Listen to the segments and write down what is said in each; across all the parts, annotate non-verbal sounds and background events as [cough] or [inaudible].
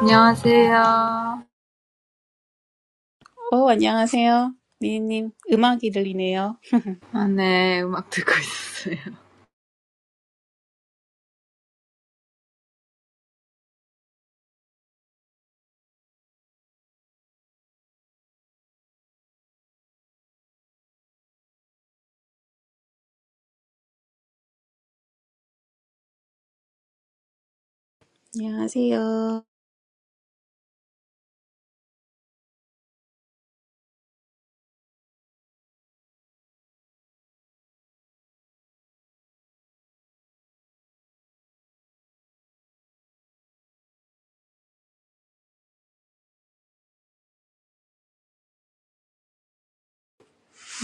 안녕하세요. 아, 어, 안녕하세요. 미니님, 음악이 들리네요. [laughs] 네, 음악 듣고 있었어요. 안녕하세요.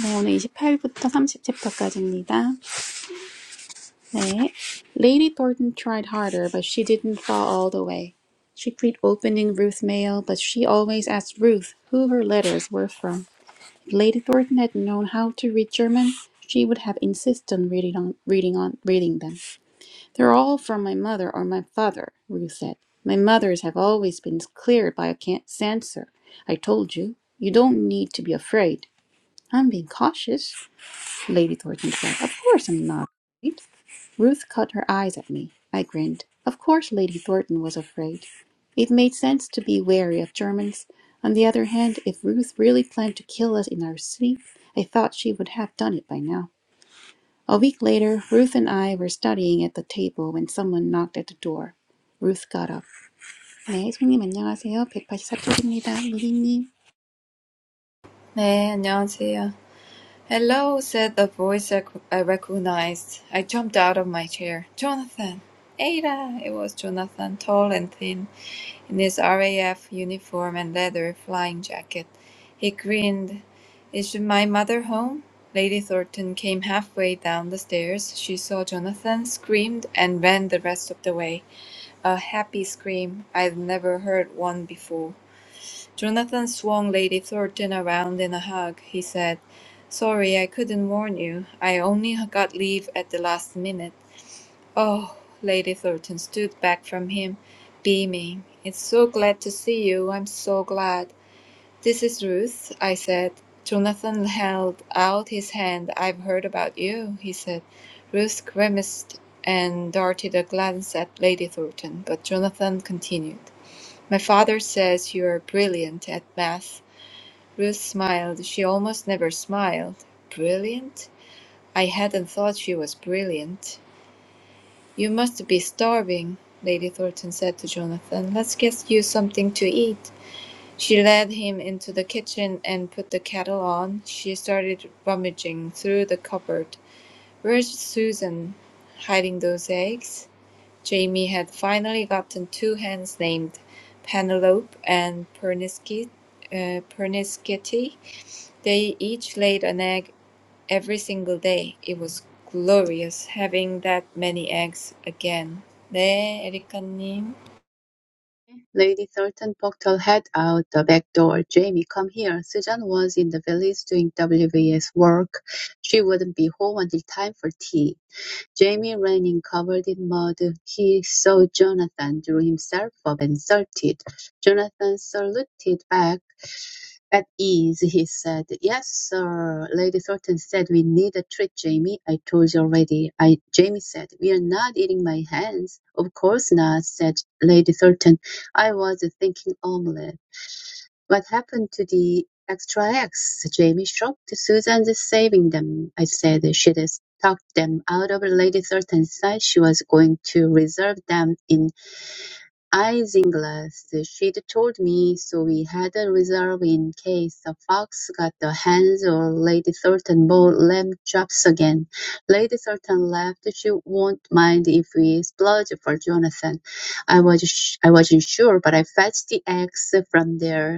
네, 오늘 28부터 30챕터까지입니다. 네. Lady Thornton tried harder, but she didn't fall all the way. She tried opening Ruth's mail, but she always asked Ruth who her letters were from. If Lady Thornton had known how to read German, she would have insisted on reading on reading on reading them. They're all from my mother or my father, Ruth said. My mothers have always been clear by a censor. I told you, you don't need to be afraid. I'm being cautious, Lady Thornton said. Of course I'm not afraid. Ruth caught her eyes at me. I grinned. Of course Lady Thornton was afraid. It made sense to be wary of Germans. On the other hand, if Ruth really planned to kill us in our sleep, I thought she would have done it by now. A week later, Ruth and I were studying at the table when someone knocked at the door. Ruth got up. 네, 손님 안녕하세요. 백팔십사 쪽입니다. 루디님. 네, 안녕하세요. "Hello," said a voice I recognized. I jumped out of my chair. "Jonathan! Ada!" It was Jonathan, tall and thin, in his RAF uniform and leather flying jacket. He grinned. "Is my mother home?" Lady Thornton came halfway down the stairs. She saw Jonathan, screamed, and ran the rest of the way. A happy scream. I'd never heard one before. Jonathan swung Lady Thornton around in a hug. He said, Sorry, I couldn't warn you. I only got leave at the last minute. Oh, Lady Thornton stood back from him, beaming. It's so glad to see you. I'm so glad. This is Ruth, I said. Jonathan held out his hand. I've heard about you, he said. Ruth grimaced and darted a glance at Lady Thornton, but Jonathan continued. My father says you are brilliant at math. Ruth smiled. She almost never smiled. Brilliant? I hadn't thought she was brilliant. You must be starving, Lady Thornton said to Jonathan. Let's get you something to eat. She led him into the kitchen and put the kettle on. She started rummaging through the cupboard. Where's Susan? Hiding those eggs? Jamie had finally gotten two hens named Penelope and Perniskit, uh, Perniskitty. They each laid an egg Every single day it was glorious having that many eggs again. 네, 에리카님. Lady Thornton poked her head out the back door. "Jamie, come here. Susan was in the village doing WVS work. She wouldn't be home until time for tea." Jamie ran in covered in mud. He saw Jonathan, drew himself up, and saluted. Jonathan saluted back. At ease, he said. Yes, sir. Lady Thornton said we need a treat, Jamie. I told you already. I Jamie said, We're not eating my hands. Of course not, said Lady Thornton. I was thinking omelette. What happened to the extra eggs? Jamie shrugged. Susan's saving them, I said. She'd talked them out of Lady Thornton's side. She was going to reserve them in Isinglass, she'd told me, so we had a reserve in case the Fox got the hens or Lady Thornton bought lamb chops again. Lady Thornton laughed. She won't mind if we splurge for Jonathan. I was sh- I wasn't sure, but I fetched the eggs from there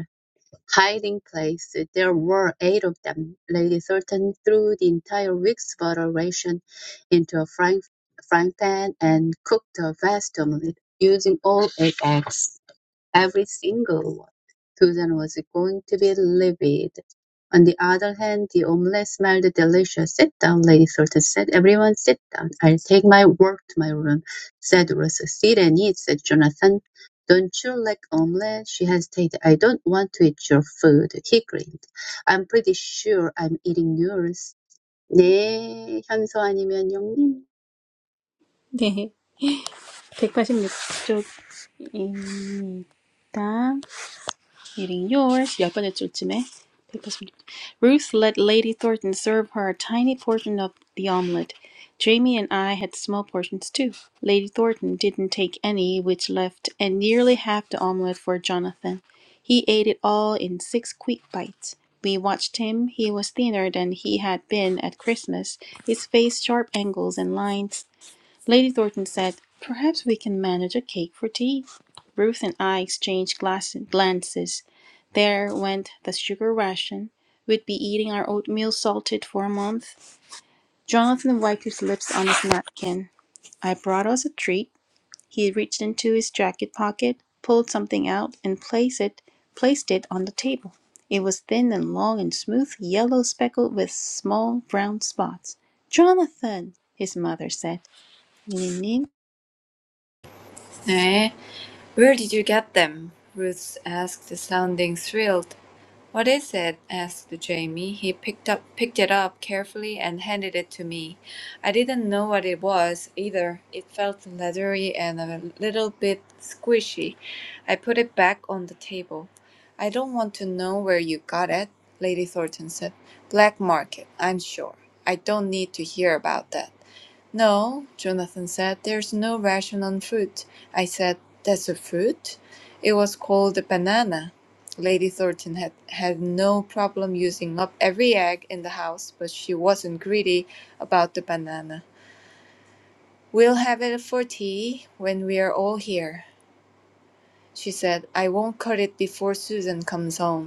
hiding place. There were eight of them. Lady Thornton threw the entire week's butter ration into a frying, frying pan and cooked a vast omelette, using all eight eggs every single one. Susan was going to be livid. On the other hand, the omelette smelled delicious. Sit down, Lady Thornton said. Everyone sit down. I'll take my work to my room, said Rosa. Sit and eat, said Jonathan. Don't you like omelette? She hesitated. I don't want to eat your food. He grinned. I'm pretty sure I'm eating yours. 네, 현서 아니면 영님. [laughs] 네, 백팔십육 쪽입니다. Eating yours. Yeah, but it's your time. Ruth let Lady Thornton serve her a tiny portion of the omelette. Jamie and I had small portions too. Lady Thornton didn't take any, which left and nearly half the omelette for Jonathan. He ate it all in six quick bites. We watched him. He was thinner than he had been at Christmas, his face sharp angles and lines Lady Thornton said, Perhaps we can manage a cake for tea. Ruth and I exchanged glass- glances. There went the sugar ration. We'd be eating our oatmeal salted for a month. Jonathan wiped his lips on his napkin. I brought us a treat. He reached into his jacket pocket, pulled something out, and placed it, placed it on the table. It was thin and long and smooth, yellow speckled with small brown spots. Jonathan, his mother said. Eh? Where did you get them? Ruth asked, sounding thrilled. What is it? asked Jamie. He picked up picked it up carefully and handed it to me. I didn't know what it was either. It felt leathery and a little bit squishy. I put it back on the table. I don't want to know where you got it, Lady Thornton said. Black market, I'm sure. I don't need to hear about that. No, Jonathan said, there's no ration on fruit. I said, that's a fruit? It was called a banana. Lady Thornton had had no problem using up every egg in the house, but she wasn't greedy about the banana. We'll have it for tea when we are all here, she said. I won't cut it before Susan comes home.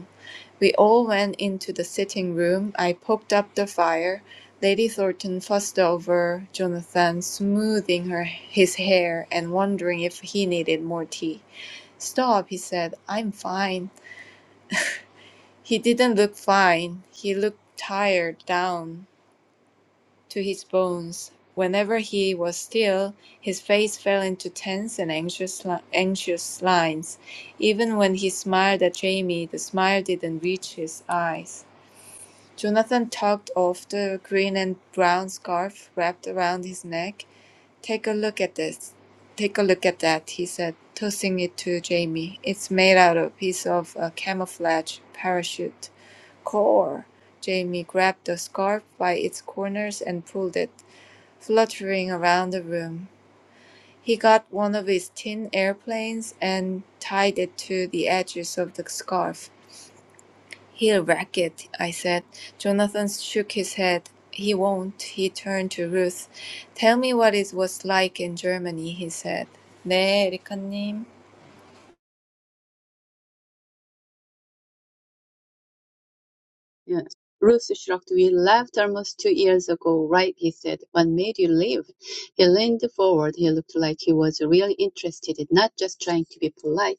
We all went into the sitting room. I poked up the fire. Lady Thornton fussed over Jonathan, smoothing her his hair and wondering if he needed more tea. Stop, he said. I'm fine. He didn't look fine. He looked tired down to his bones. Whenever he was still, his face fell into tense and anxious, li- anxious lines. Even when he smiled at Jamie, the smile didn't reach his eyes. Jonathan tugged off the green and brown scarf wrapped around his neck. Take a look at this. Take a look at that, he said, tossing it to Jamie. It's made out of a piece of a camouflage parachute. Core! Jamie grabbed the scarf by its corners and pulled it, fluttering around the room. He got one of his tin airplanes and tied it to the edges of the scarf. He'll wreck it, I said. Jonathan shook his head. He won't. He turned to Ruth. Tell me what it was like in Germany, he said. 네, 에리카님. Yes. Ruth shrugged. We left almost two years ago, right? He said. What made you leave? He leaned forward. He looked like he was really interested, not just trying to be polite.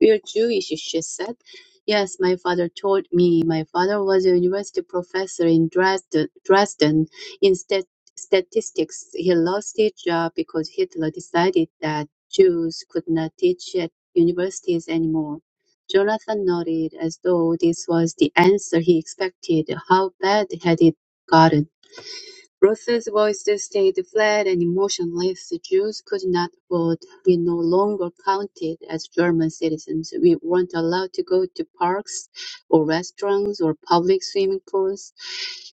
We're Jewish, she said. Yes, my father told me. My father was a university professor in Dresden, Dresden in stat- statistics. He lost his job because Hitler decided that Jews could not teach at universities anymore. Jonathan nodded, as though this was the answer he expected. How bad had it gotten? Roth's voice stayed flat and emotionless; Jews could not vote; we no longer counted as German citizens; we weren't allowed to go to parks or restaurants or public swimming pools;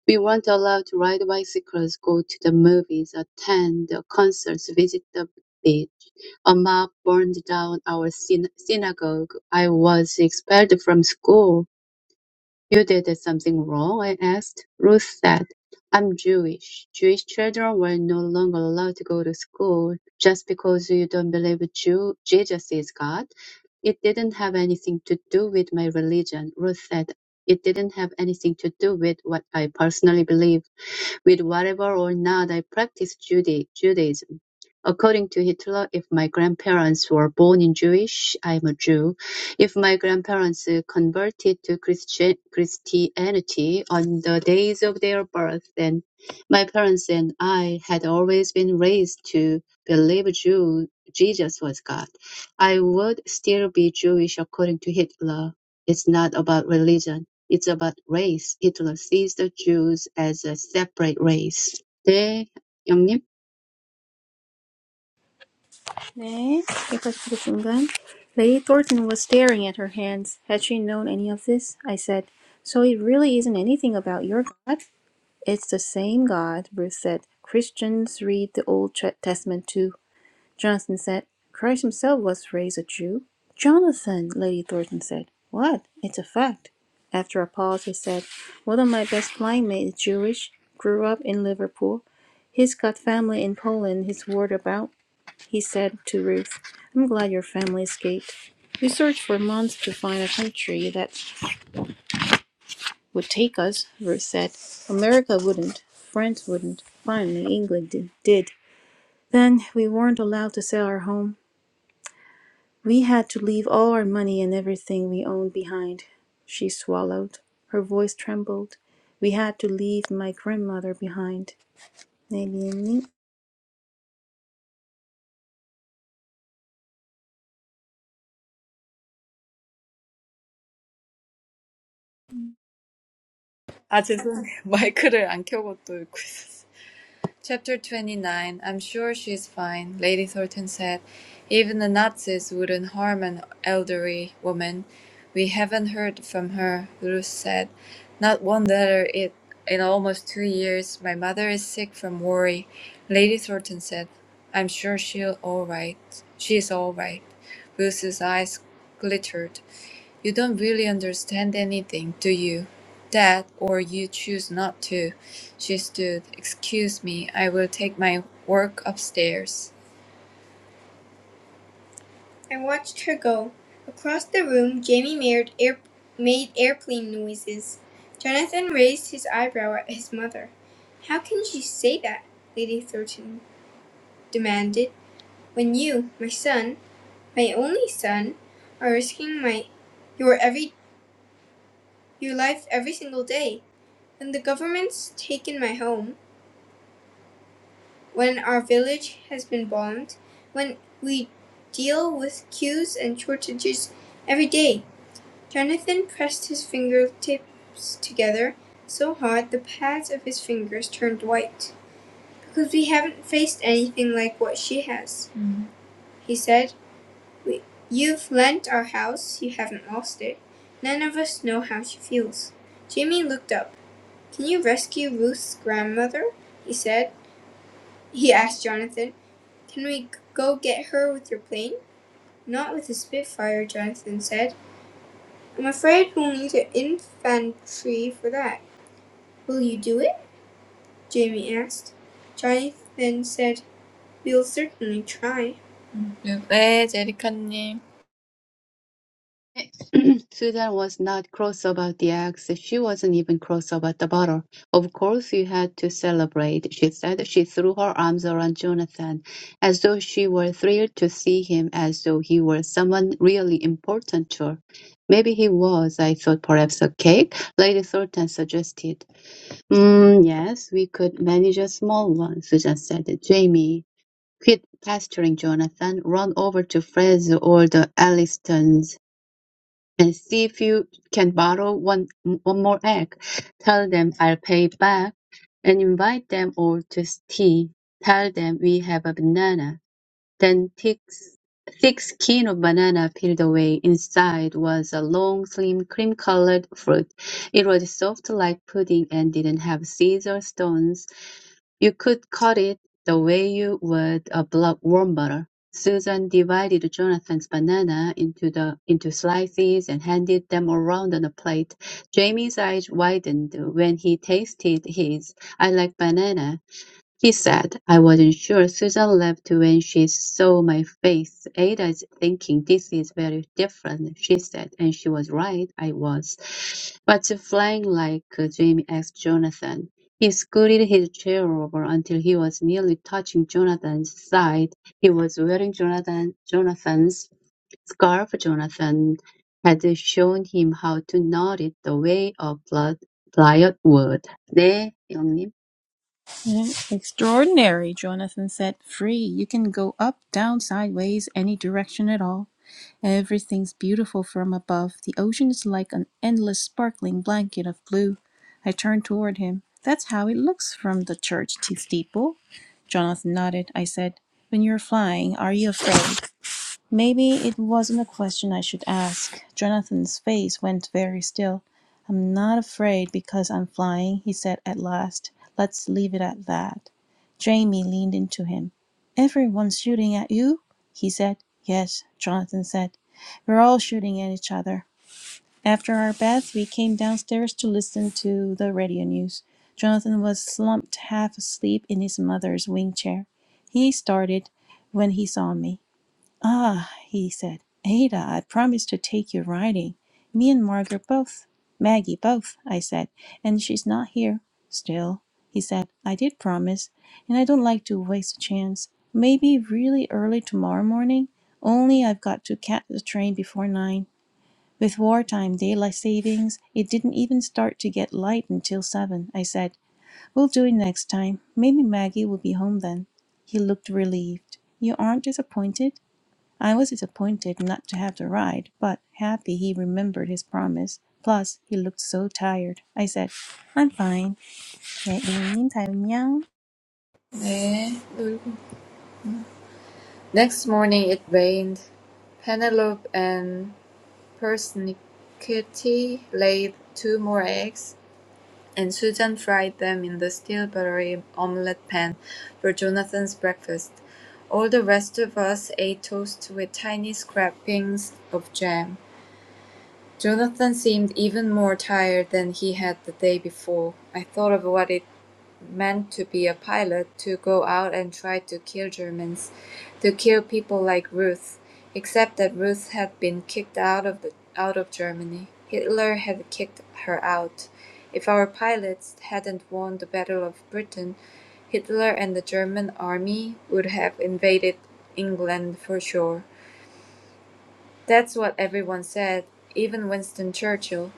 we weren't allowed to ride bicycles, go to the movies, attend concerts, visit the beach. A mob burned down our syn- synagogue. I was expelled from school. You did something wrong? I asked. Ruth said, I'm Jewish. Jewish children were no longer allowed to go to school. Just because you don't believe Jew- Jesus is God, it didn't have anything to do with my religion. Ruth said, It didn't have anything to do with what I personally believe with whatever or not I practiced Juda- Judaism. According to Hitler, if my grandparents were born in Jewish, I am a Jew. If my grandparents converted to Christi- Christianity on the days of their birth, then my parents and I had always been raised to believe Jew- Jesus was God. I would still be Jewish according to Hitler. It's not about religion it's about race. Hitler sees the Jews as a separate race. 네, 영님. 네, 여기까지 그 순간 Lady Thornton was staring at her hands. Had she known any of this? I said. So it really isn't anything about your God? It's the same God, Ruth said. Christians read the Old Testament too. Jonathan said. Christ himself was raised a Jew. Jonathan, Lady Thornton said. What? It's a fact. After a pause, he said, One of my best flying mates is Jewish, grew up in Liverpool. He's got family in Poland he's worried about he said to Ruth. I'm glad your family escaped. We searched for months to find a country that would take us, Ruth said. America wouldn't. France wouldn't. Finally, England did. Then we weren't allowed to sell our home. We had to leave all our money and everything we owned behind. She swallowed. Her voice trembled. We had to leave my grandmother behind. 아, 죄송해요. [laughs] 마이크를 안 켜고 또 읽고 있었어요. Chapter 29 "I'm sure she's fine," Lady Thornton said. "Even the Nazis wouldn't harm an elderly woman." "We haven't heard from her," Ruth said. "Not one letter it in almost two years. My mother is sick from worry," Lady Thornton said. "I'm sure she'll all right. She's all right." Ruth's eyes glittered. "You don't really understand anything, do you? That, or you choose not to. She stood. "Excuse me, I will take my work upstairs." I watched her go. Across the room, Jamie made, air- made airplane noises. Jonathan raised his eyebrow at his mother. How can she say that? Lady Thornton demanded. When you, my son, my only son, are risking my your every your life every single day. When the government's taken my home, when our village has been bombed, when we deal with queues and shortages every day. Jonathan pressed his fingertips together so hard the pads of his fingers turned white. Because we haven't faced anything like what she has, mm-hmm. he said. We, you've lent our house, you haven't lost it. None of us know how she feels. Jamie looked up. Can you rescue Ruth's grandmother? He said. He asked Jonathan. "Can we go get her with your plane?" "Not with a Spitfire," Jonathan said. "I'm afraid we'll need an infantry for that." "Will you do it?" Jamie asked. Jonathan said, "We'll certainly try." 네, 제리카님. [clears throat] Susan was not cross about the axe. She wasn't even cross about the bottle. Of course you had to celebrate, she said. She threw her arms around Jonathan, as though she were thrilled to see him, as though he were someone really important to her. Maybe he was, I thought perhaps a cake, Lady Thornton suggested. Mm, yes, we could manage a small one, Susan said. Jamie. Quit pestering Jonathan, run over to Fred's or the Elliston's and see if you can borrow one, one more egg. Tell them I'll pay back and invite them all to tea. Tell them we have a banana. Then thick, thick skin of banana peeled away. Inside was a long, slim, cream-colored fruit. It was soft like pudding and didn't have seeds or stones. You could cut it the way you would a block warm butter. Susan divided Jonathan's banana into the into slices and handed them around on a plate. Jamie's eyes widened when he tasted his. I like banana. He said, I wasn't sure. Susan left when she saw my face. Ada's thinking this is very different, she said, and she was right, I was. But flying like a dream asked Jonathan. He scooted his chair over until he was nearly touching Jonathan's side. He was wearing Jonathan Jonathan's scarf. Jonathan had shown him how to knot it the way a ply- plier would. 네, 영님. Extraordinary, Jonathan said. Free. You can go up, down, sideways, any direction at all. Everything's beautiful from above. The ocean is like an endless sparkling blanket of blue. I turned toward him. That's how it looks from the church steeple. Jonathan nodded. I said, When you're flying, are you afraid? Maybe it wasn't a question I should ask. Jonathan's face went very still. I'm not afraid because I'm flying, he said at last. Let's leave it at that. Jamie leaned into him. Everyone's shooting at you? he said. Yes, Jonathan said. We're all shooting at each other. After our bath, we came downstairs to listen to the radio news. Jonathan was slumped half asleep in his mother's wing chair. He started when he saw me. Ah, he said, Ada, I promised to take you riding. Me and Margaret both. Maggie both, I said, and she's not here. Still, he said, I did promise, and I don't like to waste a chance. Maybe really early tomorrow morning, only I've got to catch the train before nine. With wartime daylight savings, it didn't even start to get light until seven, I said. We'll do it next time. Maybe Maggie will be home then. He looked relieved. You aren't disappointed? I was disappointed not to have the ride, but happy he remembered his promise. Plus, he looked so tired. I said, I'm fine. 네, A님, 다음요. 네. Next morning it rained. Penelope and Pernickety laid two more eggs, and Susan fried them in the steel buttery omelette pan for Jonathan's breakfast. All the rest of us ate toast with tiny scrapings of jam. Jonathan seemed even more tired than he had the day before. I thought of what it meant to be a pilot to go out and try to kill Germans, to kill people like Ruth, except that Ruth had been kicked out of the out of Germany. Hitler had kicked her out. If our pilots hadn't won the Battle of Britain, Hitler and the German army would have invaded England for sure. That's what everyone said, even Winston Churchill.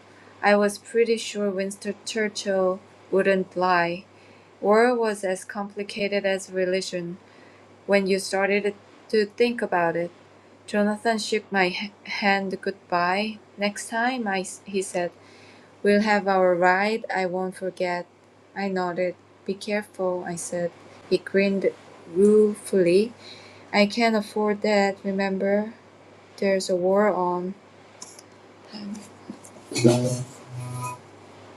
I was pretty sure Winston Churchill wouldn't lie. War was as complicated as religion when you started to think about it. Jonathan shook my h- hand goodbye. Next time, I, s- he said, we'll have our ride. I won't forget. I nodded. Be careful, I said. He grinned ruefully. I can't afford that, remember? There's a war on.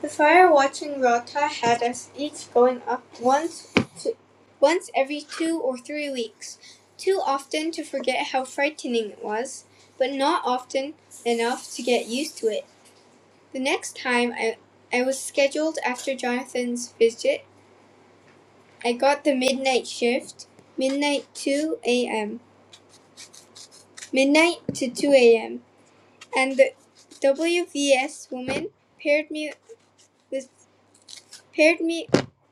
The fire watching rota had us each going up once to, once every two or three weeks, too often to forget how frightening it was, but not often enough to get used to it. The next time I, I was scheduled after Jonathan's visit, I got the midnight shift, midnight 2 a.m., midnight to 2 a.m., and the WVS woman paired me with Paired me,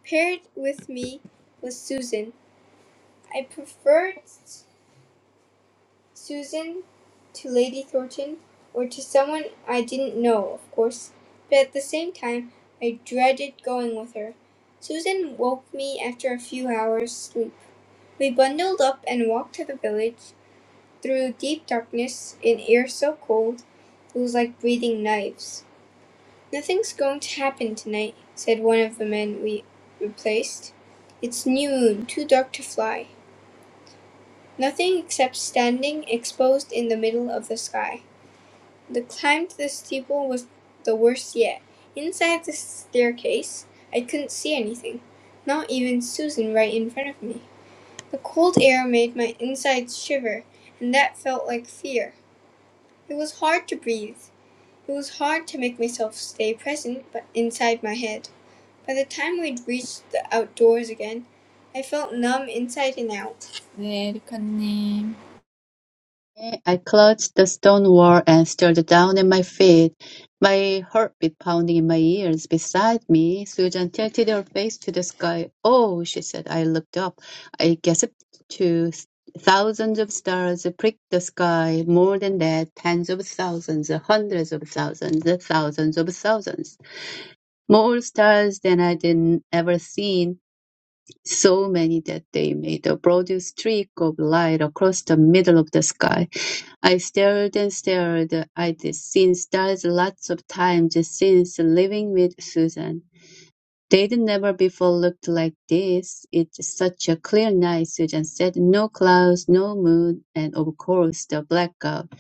paired with me was Susan. I preferred S- Susan to Lady Thornton, or to someone I didn't know, of course, but at the same time I dreaded going with her. Susan woke me after a few hours' sleep. We bundled up and walked to the village through deep darkness, in air so cold it was like breathing knives. "Nothing's going to happen tonight," said one of the men we replaced. "It's new moon, too dark to fly. Nothing except standing exposed in the middle of the sky." The climb to the steeple was the worst yet. Inside the staircase I couldn't see anything, not even Susan right in front of me. The cold air made my insides shiver, and that felt like fear. It was hard to breathe. It was hard to make myself stay present but inside my head. By the time we'd reached the outdoors again, I felt numb inside and out. 네, 에리카님. I clutched the stone wall and stared down at my feet, my heartbeat pounding in my ears. Beside me, Susan tilted her face to the sky. Oh, she said. I looked up. I gasped to thousands of stars pricked the sky. More than that, tens of thousands, hundreds of thousands, thousands of thousands. More stars than I'd ever seen. So many that they made a broad streak of light across the middle of the sky. I stared and stared at the scene stars lots of times since living with Susan. They'd never before looked like this. It's such a clear night, Susan said. No clouds, no moon, and of course the blackout.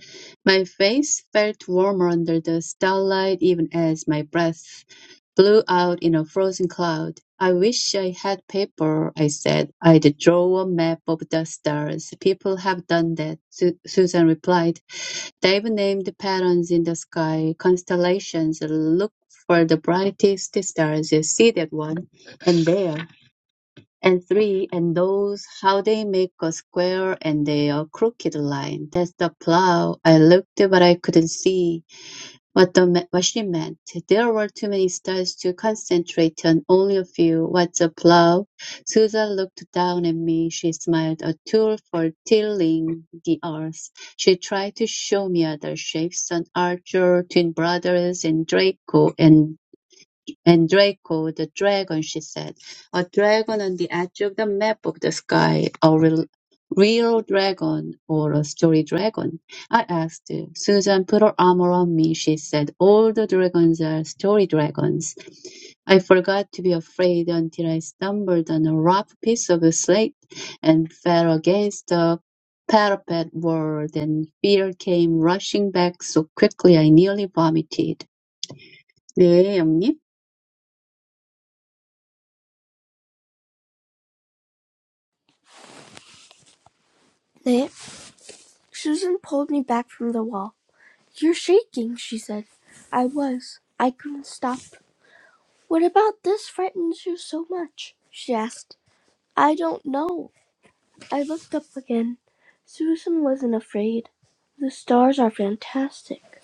My face felt warmer under the starlight even as my breath blew out in a frozen cloud. I wish I had paper, I said. I'd draw a map of the stars. People have done that, Su- Susan replied. They've named patterns in the sky, constellations, look for the brightest stars, see that one, and there, and three, and those, how they make a square and they a crooked line. That's the plow. I looked, but I couldn't see. What the what she meant. There were too many stars to concentrate on only a few. What's a plow? Susan looked down at me. She smiled. A tool for tilling the earth. She tried to show me other shapes, an archer, twin brothers, and Draco, and and Draco, the dragon, she said, a dragon on the edge of the map of the sky, a real, real dragon or a story dragon. I asked. Susan put her arm around me. She said, all the dragons are story dragons. I forgot to be afraid until I stumbled on a rough piece of slate and fell against the parapet wall. Then fear came rushing back so quickly I nearly vomited. 네, 영님. 네. Susan pulled me back from the wall. You're shaking, she said. I was. I couldn't stop. What about this frightens you so much? she asked. I don't know. I looked up again. Susan wasn't afraid. The stars are fantastic.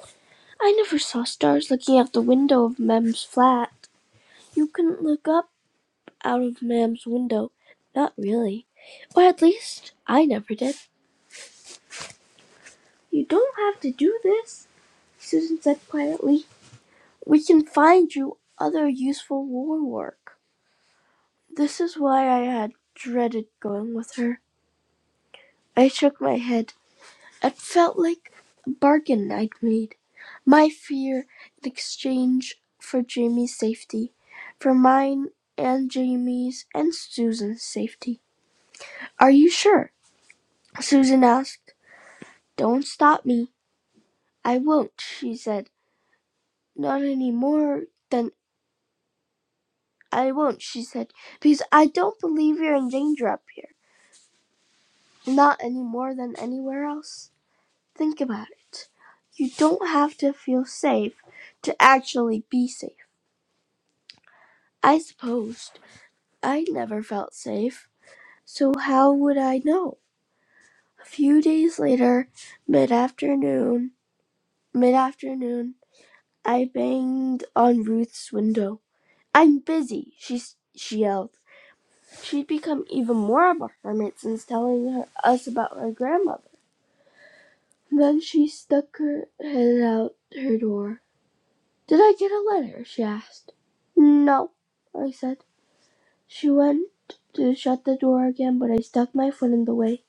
I never saw stars looking out the window of Mem's flat. You couldn't look up out of Mam's window. Not really. Or at least, I never did. You don't have to do this, Susan said quietly. We can find you other useful war work. This is why I had dreaded going with her. I shook my head. It felt like a bargain I'd made. My fear in exchange for Jamie's safety. For mine and Jamie's and Susan's safety. Are you sure? Susan asked. Don't stop me. I won't, she said. Not any more than I won't, she said, because I don't believe you're in danger up here. Not any more than anywhere else. Think about it. You don't have to feel safe to actually be safe. I supposed I never felt safe, so how would I know? A few days later, mid afternoon, mid afternoon, I banged on Ruth's window. I'm busy, she, she yelled. She'd become even more of a hermit since telling her, us about her grandmother. Then she stuck her head out her door. Did I get a letter? she asked. No, I said. She went to shut the door again, but I stuck my foot in the way.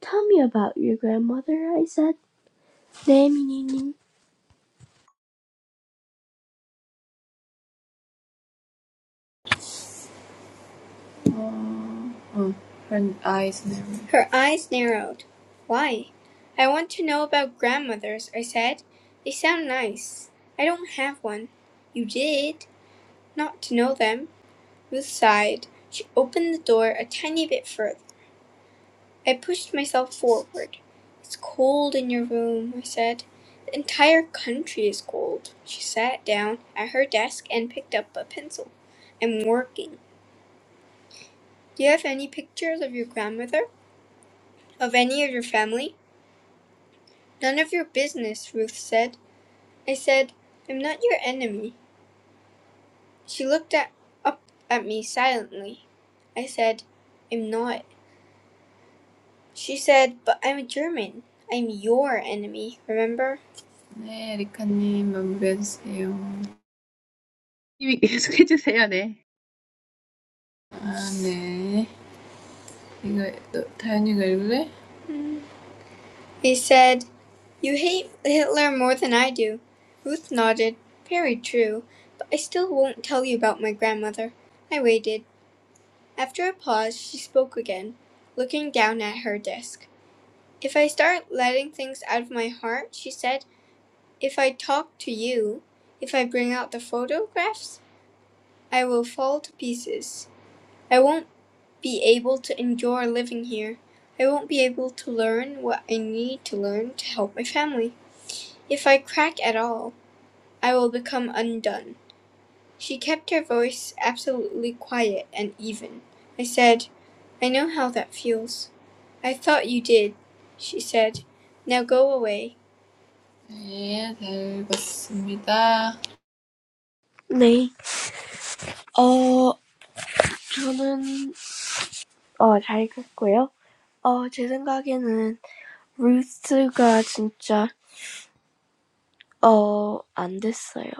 Tell me about your grandmother, I said. 네, 미니님. 어, 어, her eyes narrowed. Her eyes narrowed. Why? I want to know about grandmothers, I said. They sound nice. I don't have one. You did? Not to know them. Ruth sighed. She opened the door a tiny bit further. I pushed myself forward. It's cold in your room, I said. The entire country is cold. She sat down at her desk and picked up a pencil. I'm working. Do you have any pictures of your grandmother? Of any of your family? None of your business, Ruth said. I said, I'm not your enemy. She looked at, up at me silently. I said, I'm not. She said, but I'm a German. I'm your enemy, remember? 네, 리카님 넘겨주세요. [laughs] 계속해 주세요. 네. 아, 네. 이거 너, 다현이가 읽을래? He said, You hate Hitler more than I do. Ruth nodded. Very true. But I still won't tell you about my grandmother. I waited. After a pause, she spoke again, looking down at her desk. If I start letting things out of my heart, she said, if I talk to you, if I bring out the photographs, I will fall to pieces. I won't be able to enjoy living here. I won't be able to learn what I need to learn to help my family. If I crack at all, I will become undone. She kept her voice absolutely quiet and even. I said, I know how that feels. I thought you did, she said. Now go away. 네, 잘 읽었습니다. 네. 어, 저는, 어, 잘 읽었고요. 어, 제 생각에는 루스가 진짜 어 안 됐어요.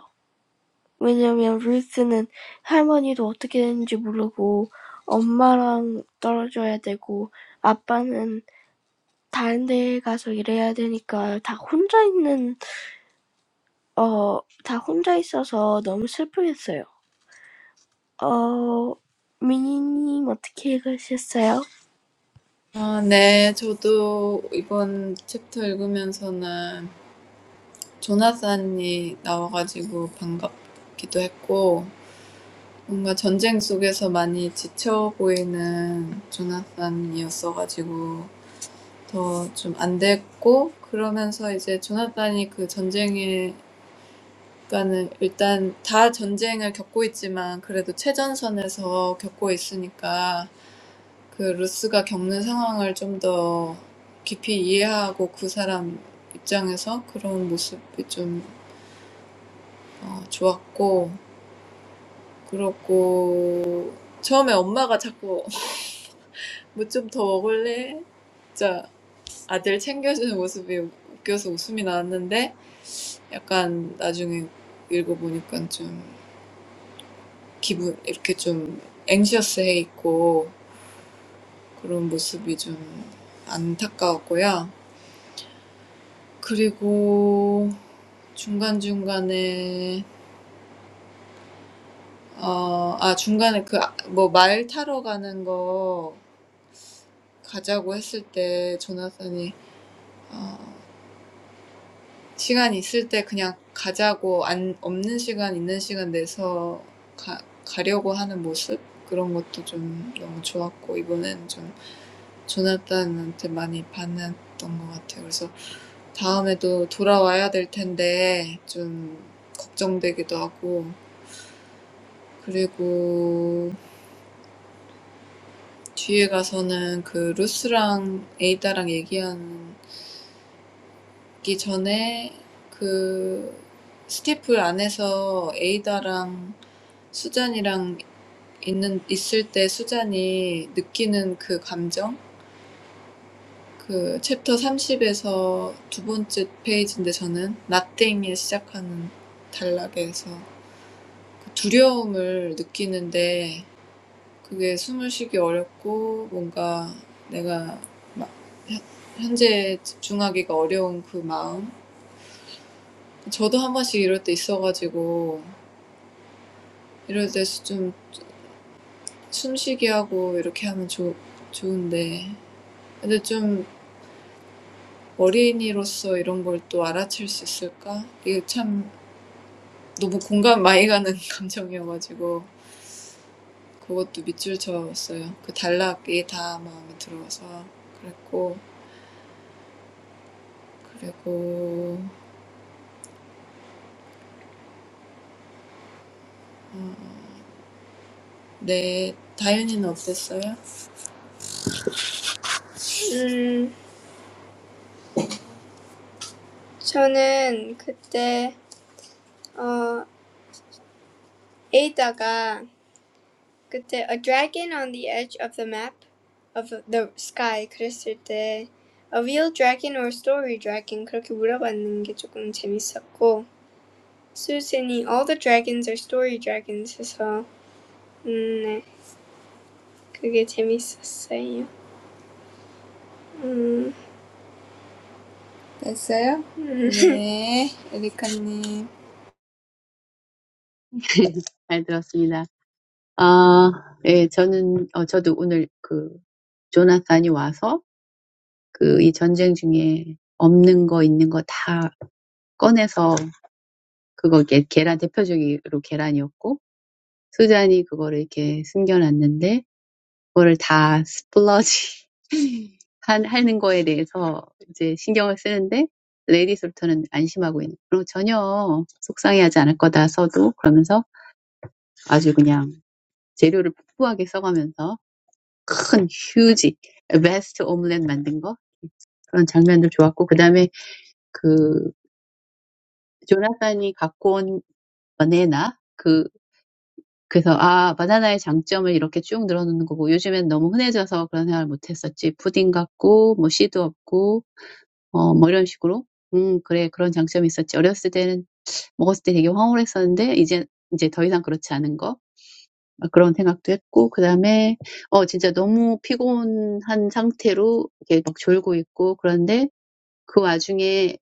왜냐면 루스는 할머니도 어떻게 되는지 모르고 엄마랑 떨어져야 되고 아빠는 다른 데 가서 일해야 되니까 다 혼자 있는 어 다 혼자 있어서 너무 슬프겠어요. 어 미니님 어떻게 읽으셨어요? 어, 네, 저도 이번 챕터 읽으면서는 조나단이 나와가지고 반갑기도 했고 뭔가 전쟁 속에서 많이 지쳐 보이는 조나단이었어가지고 더 좀 안 됐고 그러면서 이제 조나단이 그 전쟁에 그러니까는 일단 다 전쟁을 겪고 있지만 그래도 최전선에서 겪고 있으니까 그 루스가 겪는 상황을 좀 더 깊이 이해하고 그 사람 입장에서 그런 모습이 좀 어, 좋았고 그렇고 처음에 엄마가 자꾸 [laughs] 뭐 좀 더 먹을래? 진짜 아들 챙겨주는 모습이 웃겨서 웃음이 나왔는데 약간 나중에 읽어보니까 좀 기분 이렇게 좀 앵시어스해 있고 그런 모습이 좀 안타까웠고요. 그리고 중간중간에 어, 아 중간에 그 뭐 말 타러 가는 거 가자고 했을 때 조나단이 어, 시간 있을 때 그냥 가자고 안 없는 시간 있는 시간 내서 가, 가려고 하는 모습 그런 것도 좀 너무 좋았고 이번엔 좀 조나단한테 많이 반했던 것 같아요. 그래서 다음에도 돌아와야 될 텐데 좀 걱정되기도 하고 그리고 뒤에 가서는 그 루스랑 에이다랑 얘기하기 전에 그 스티플 안에서 에이다랑 수잔이랑 있는 있을 때 수잔이 느끼는 그 감정? 그 챕터 삼십에서 두 번째 페이지인데 저는 nothing에 시작하는 단락에서 그 두려움을 느끼는데 그게 숨을 쉬기 어렵고 뭔가 내가 막 현재에 집중하기가 어려운 그 마음 저도 한 번씩 이럴 때 있어가지고 이럴 때 좀 숨쉬기 하고 이렇게 하면 좋, 좋은데 근데 좀 어린이로서 이런 걸 또 알아챌 수 있을까? 이게 참 너무 공감 많이 가는 [laughs] 감정이어가지고 그것도 밑줄 쳤어요. 그 단락이 다 마음에 들어서 그랬고 그리고 네 다현이는 어땠어요? 음, 저는 그때 어 에이다가 그때 a dragon on the edge of the map of the sky 그랬을 때 a real dragon or story dragon 그렇게 물어봤는 게 조금 재밌었고 수진이 all the dragons are story dragons 해서 음, 네 그게 재밌었어요. 음, 됐어요? 음. 네, [laughs] 에리카님. 잘 들었습니다. 아, 예, 저는, 어, 저도 오늘 그, 조나단이 와서 그, 이 전쟁 중에 없는 거, 있는 거다 꺼내서 그거 게, 계란, 대표적으로 계란이었고, 수잔이 그거를 이렇게 숨겨놨는데, 그거를 다 스플러지 [laughs] 한, 하는 거에 대해서 이제 신경을 쓰는데, 레이디 솔터는 안심하고 있는, 그리고 전혀 속상해하지 않을 거다, 서도. 그러면서 아주 그냥 재료를 풍부하게 써가면서 큰 휴지 vast omelette 만든 거 그런 장면도 좋았고 그 다음에 그 조나단이 갖고 온 바나나 그 그래서 아 바나나의 장점을 이렇게 쭉 늘어놓는 거고 요즘엔 너무 흔해져서 그런 생각을 못했었지 푸딩 같고 뭐 씨도 없고 어뭐 이런 식으로 음 그래 그런 장점이 있었지 어렸을 때는 먹었을 때 되게 황홀했었는데 이제 이제 더 이상 그렇지 않은 거 막 그런 생각도 했고 그 다음에 어 진짜 너무 피곤한 상태로 이렇게 막 졸고 있고 그런데 그 와중에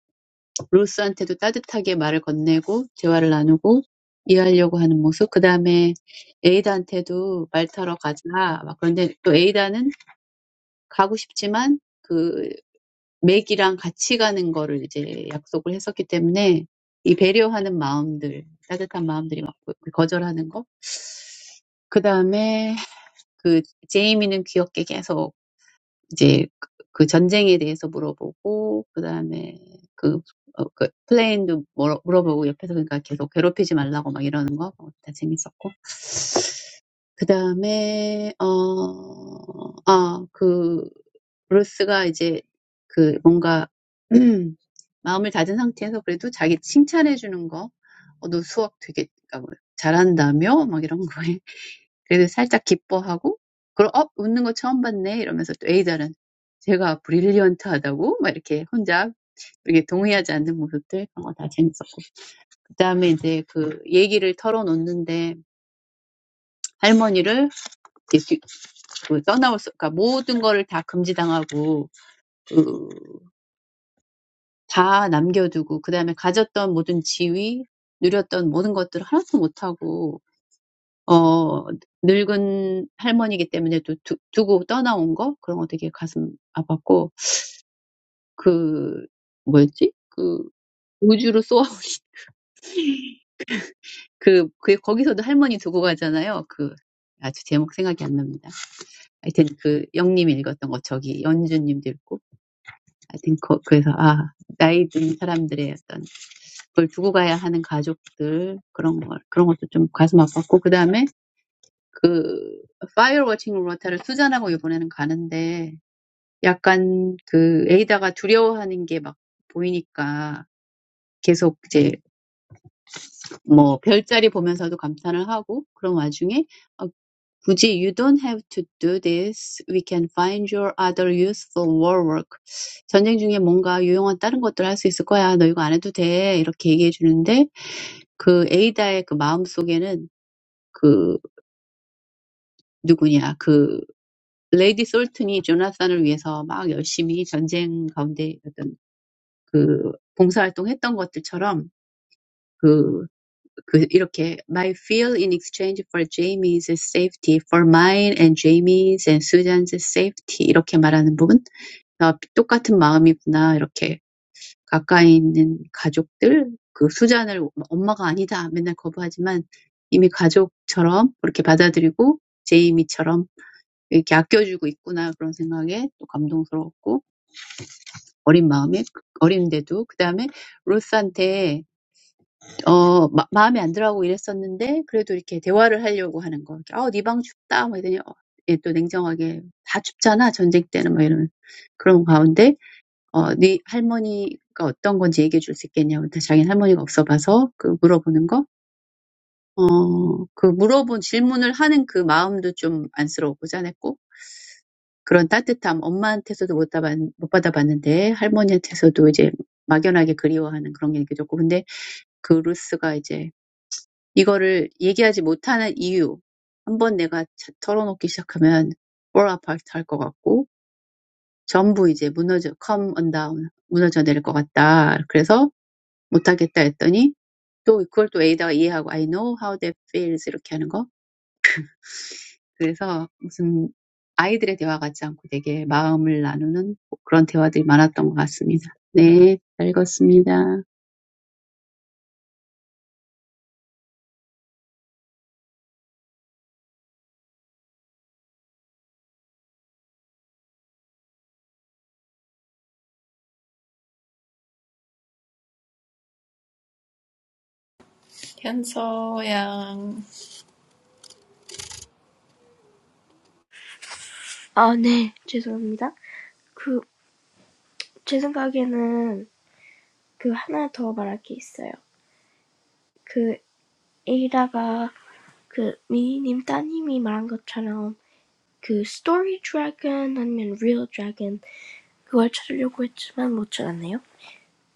로스한테도 따뜻하게 말을 건네고 대화를 나누고 이해하려고 하는 모습 그 다음에 에이다한테도 말 타러 가자 막 그런데 또 에이다는 가고 싶지만 그 맥이랑 같이 가는 거를 이제 약속을 했었기 때문에 이 배려하는 마음들 따뜻한 마음들이 막 거절하는 거그 다음에 그 제이미는 귀엽게 계속 이제 그그 전쟁에 대해서 물어보고 그다음에 그, 어, 그 플레인도 물어, 물어보고 옆에서 그러니까 계속 괴롭히지 말라고 막 이러는 거 그거 다 재밌었고 그다음에 어, 아, 그 루스가 이제 그 뭔가 [clears throat] 마음을 다진 상태에서 그래도 자기 칭찬해 주는 거, 어, 너 수학 되게 그러니까 뭐 잘한다며 막 이런 거에 그래서 살짝 기뻐하고 그럼 어 웃는 거 처음 봤네 이러면서 또 A자는 제가 브릴리언트하다고 막 이렇게 혼자 이게 동의하지 않는 모습들 그런 거다 재밌었고 그다음에 이제 그 얘기를 털어놓는데 할머니를 이렇게 뒤- 그 떠나올 수 그러니까 모든 거를 다 금지당하고 그다 남겨두고 그다음에 가졌던 모든 지위 누렸던 모든 것들을 하나도 못하고 어 늙은 할머니이기 때문에 또두 두고 떠나온 거 그런 거 되게 가슴 아팠고 그 뭐였지? 그 우주로 쏘아 [laughs] 그, 그 거기서도 할머니 두고 가잖아요. 그 아주 제목 생각이 안 납니다. 하여튼 그 영님이 읽었던 거 저기 연주님도 읽고 하여튼 거, 그래서 아 나이 든 사람들의 어떤 그걸 두고 가야 하는 가족들 그런 걸 그런 것도 좀 가슴 아팠고 그 다음에 그 파이어 워칭 로타를 수잔하고 이번에는 가는데 약간 그 에이다가 두려워하는 게막 보이니까 계속 이제 뭐 별자리 보면서도 감탄을 하고 그런 와중에 어, 굳이 you don't have to do this. We can find your other useful war work. 전쟁 중에 뭔가 유용한 다른 것들 할수 있을 거야. 너 이거 안 해도 돼. 이렇게 얘기해 주는데 그 에이다의 그 마음 속에는 그 누구냐 그 레이디 솔튼이 조나산을 위해서 막 열심히 전쟁 가운데 어떤 그 봉사활동했던 것들처럼 그, 그 이렇게 my feel in exchange for Jamie's safety, for mine and Jamie's and Susan's safety 이렇게 말하는 부분 아, 똑같은 마음이구나 이렇게 가까이 있는 가족들 그 수잔을 엄마가 아니다 맨날 거부하지만 이미 가족처럼 그렇게 받아들이고 제이미처럼 이렇게 아껴주고 있구나 그런 생각에 또 감동스러웠고 어린 마음에 어린데도 그 다음에 로스한테 어, 마, 마음에 안 들어하고 이랬었는데 그래도 이렇게 대화를 하려고 하는 거. 이렇게, 아, 네방 춥다. 뭐 이러니 어, 예, 또 냉정하게 다 춥잖아. 전쟁 때는 뭐 이런 그런 가운데 어, 네 할머니가 어떤 건지 얘기해 줄 수 있겠냐고 다 자기는 할머니가 없어 봐서 그 물어보는 거. 어, 그 물어본 질문을 하는 그 마음도 좀 안쓰럽고 짠했고 그런 따뜻함 엄마한테서도 못, 받아, 못 받아봤는데 할머니한테서도 이제 막연하게 그리워하는 그런 게 느껴졌고 근데 그 루스가 이제 이거를 얘기하지 못하는 이유. 한번 내가 자- 털어놓기 시작하면 fall apart 할것 같고, 전부 이제 무너져, come undone, 무너져 내릴 것 같다. 그래서 못하겠다 했더니, 또 그걸 또 에이다가 이해하고, I know how that feels 이렇게 하는 거. 그래서 무슨 아이들의 대화 같지 않고 되게 마음을 나누는 그런 대화들이 많았던 것 같습니다. 네, 잘 읽었습니다. 현서 양. 아, 네. 죄송합니다. 그, 제 생각에는 그 하나 더 말할 게 있어요. 그 에다가 그 미니님 따님이 말한 것처럼 그 스토리 드래곤 아니면 리얼 드래곤 그걸 찾으려고 했지만 못 찾았네요.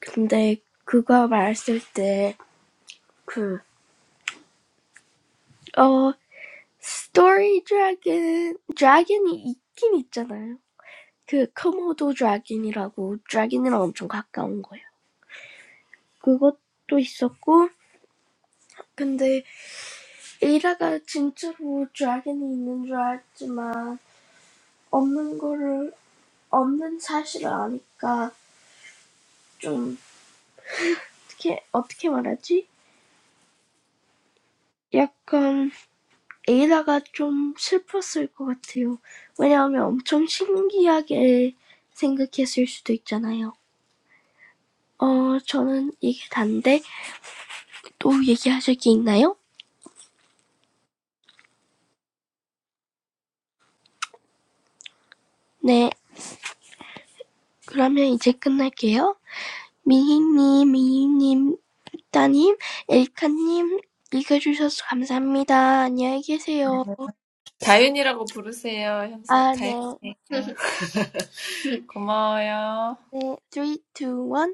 근데 그거 말했을 때그어 스토리 드래곤 드래곤이 있긴 있잖아요. 그 커모도 드래곤이라고 드래곤이랑 엄청 가까운 거예요. 그것도 있었고 근데 에다가 진짜로 드래곤이 있는 줄 알았지만 없는 거를 없는 사실을 아니까 좀 어떻게 어떻게 말하지? 약간 에이라가 좀 슬펐을 것 같아요. 왜냐하면 엄청 신기하게 생각했을 수도 있잖아요. 어, 저는 이게 단데 또 얘기하실 게 있나요? 네, 그러면 이제 끝날게요. 미희님, 미희님, 따님, 엘카님 읽어주셔서 감사합니다. 안녕히 계세요. 다윤이라고 부르세요, 현서. 아, 네. 다윤, 고마워요. 네, three, two one.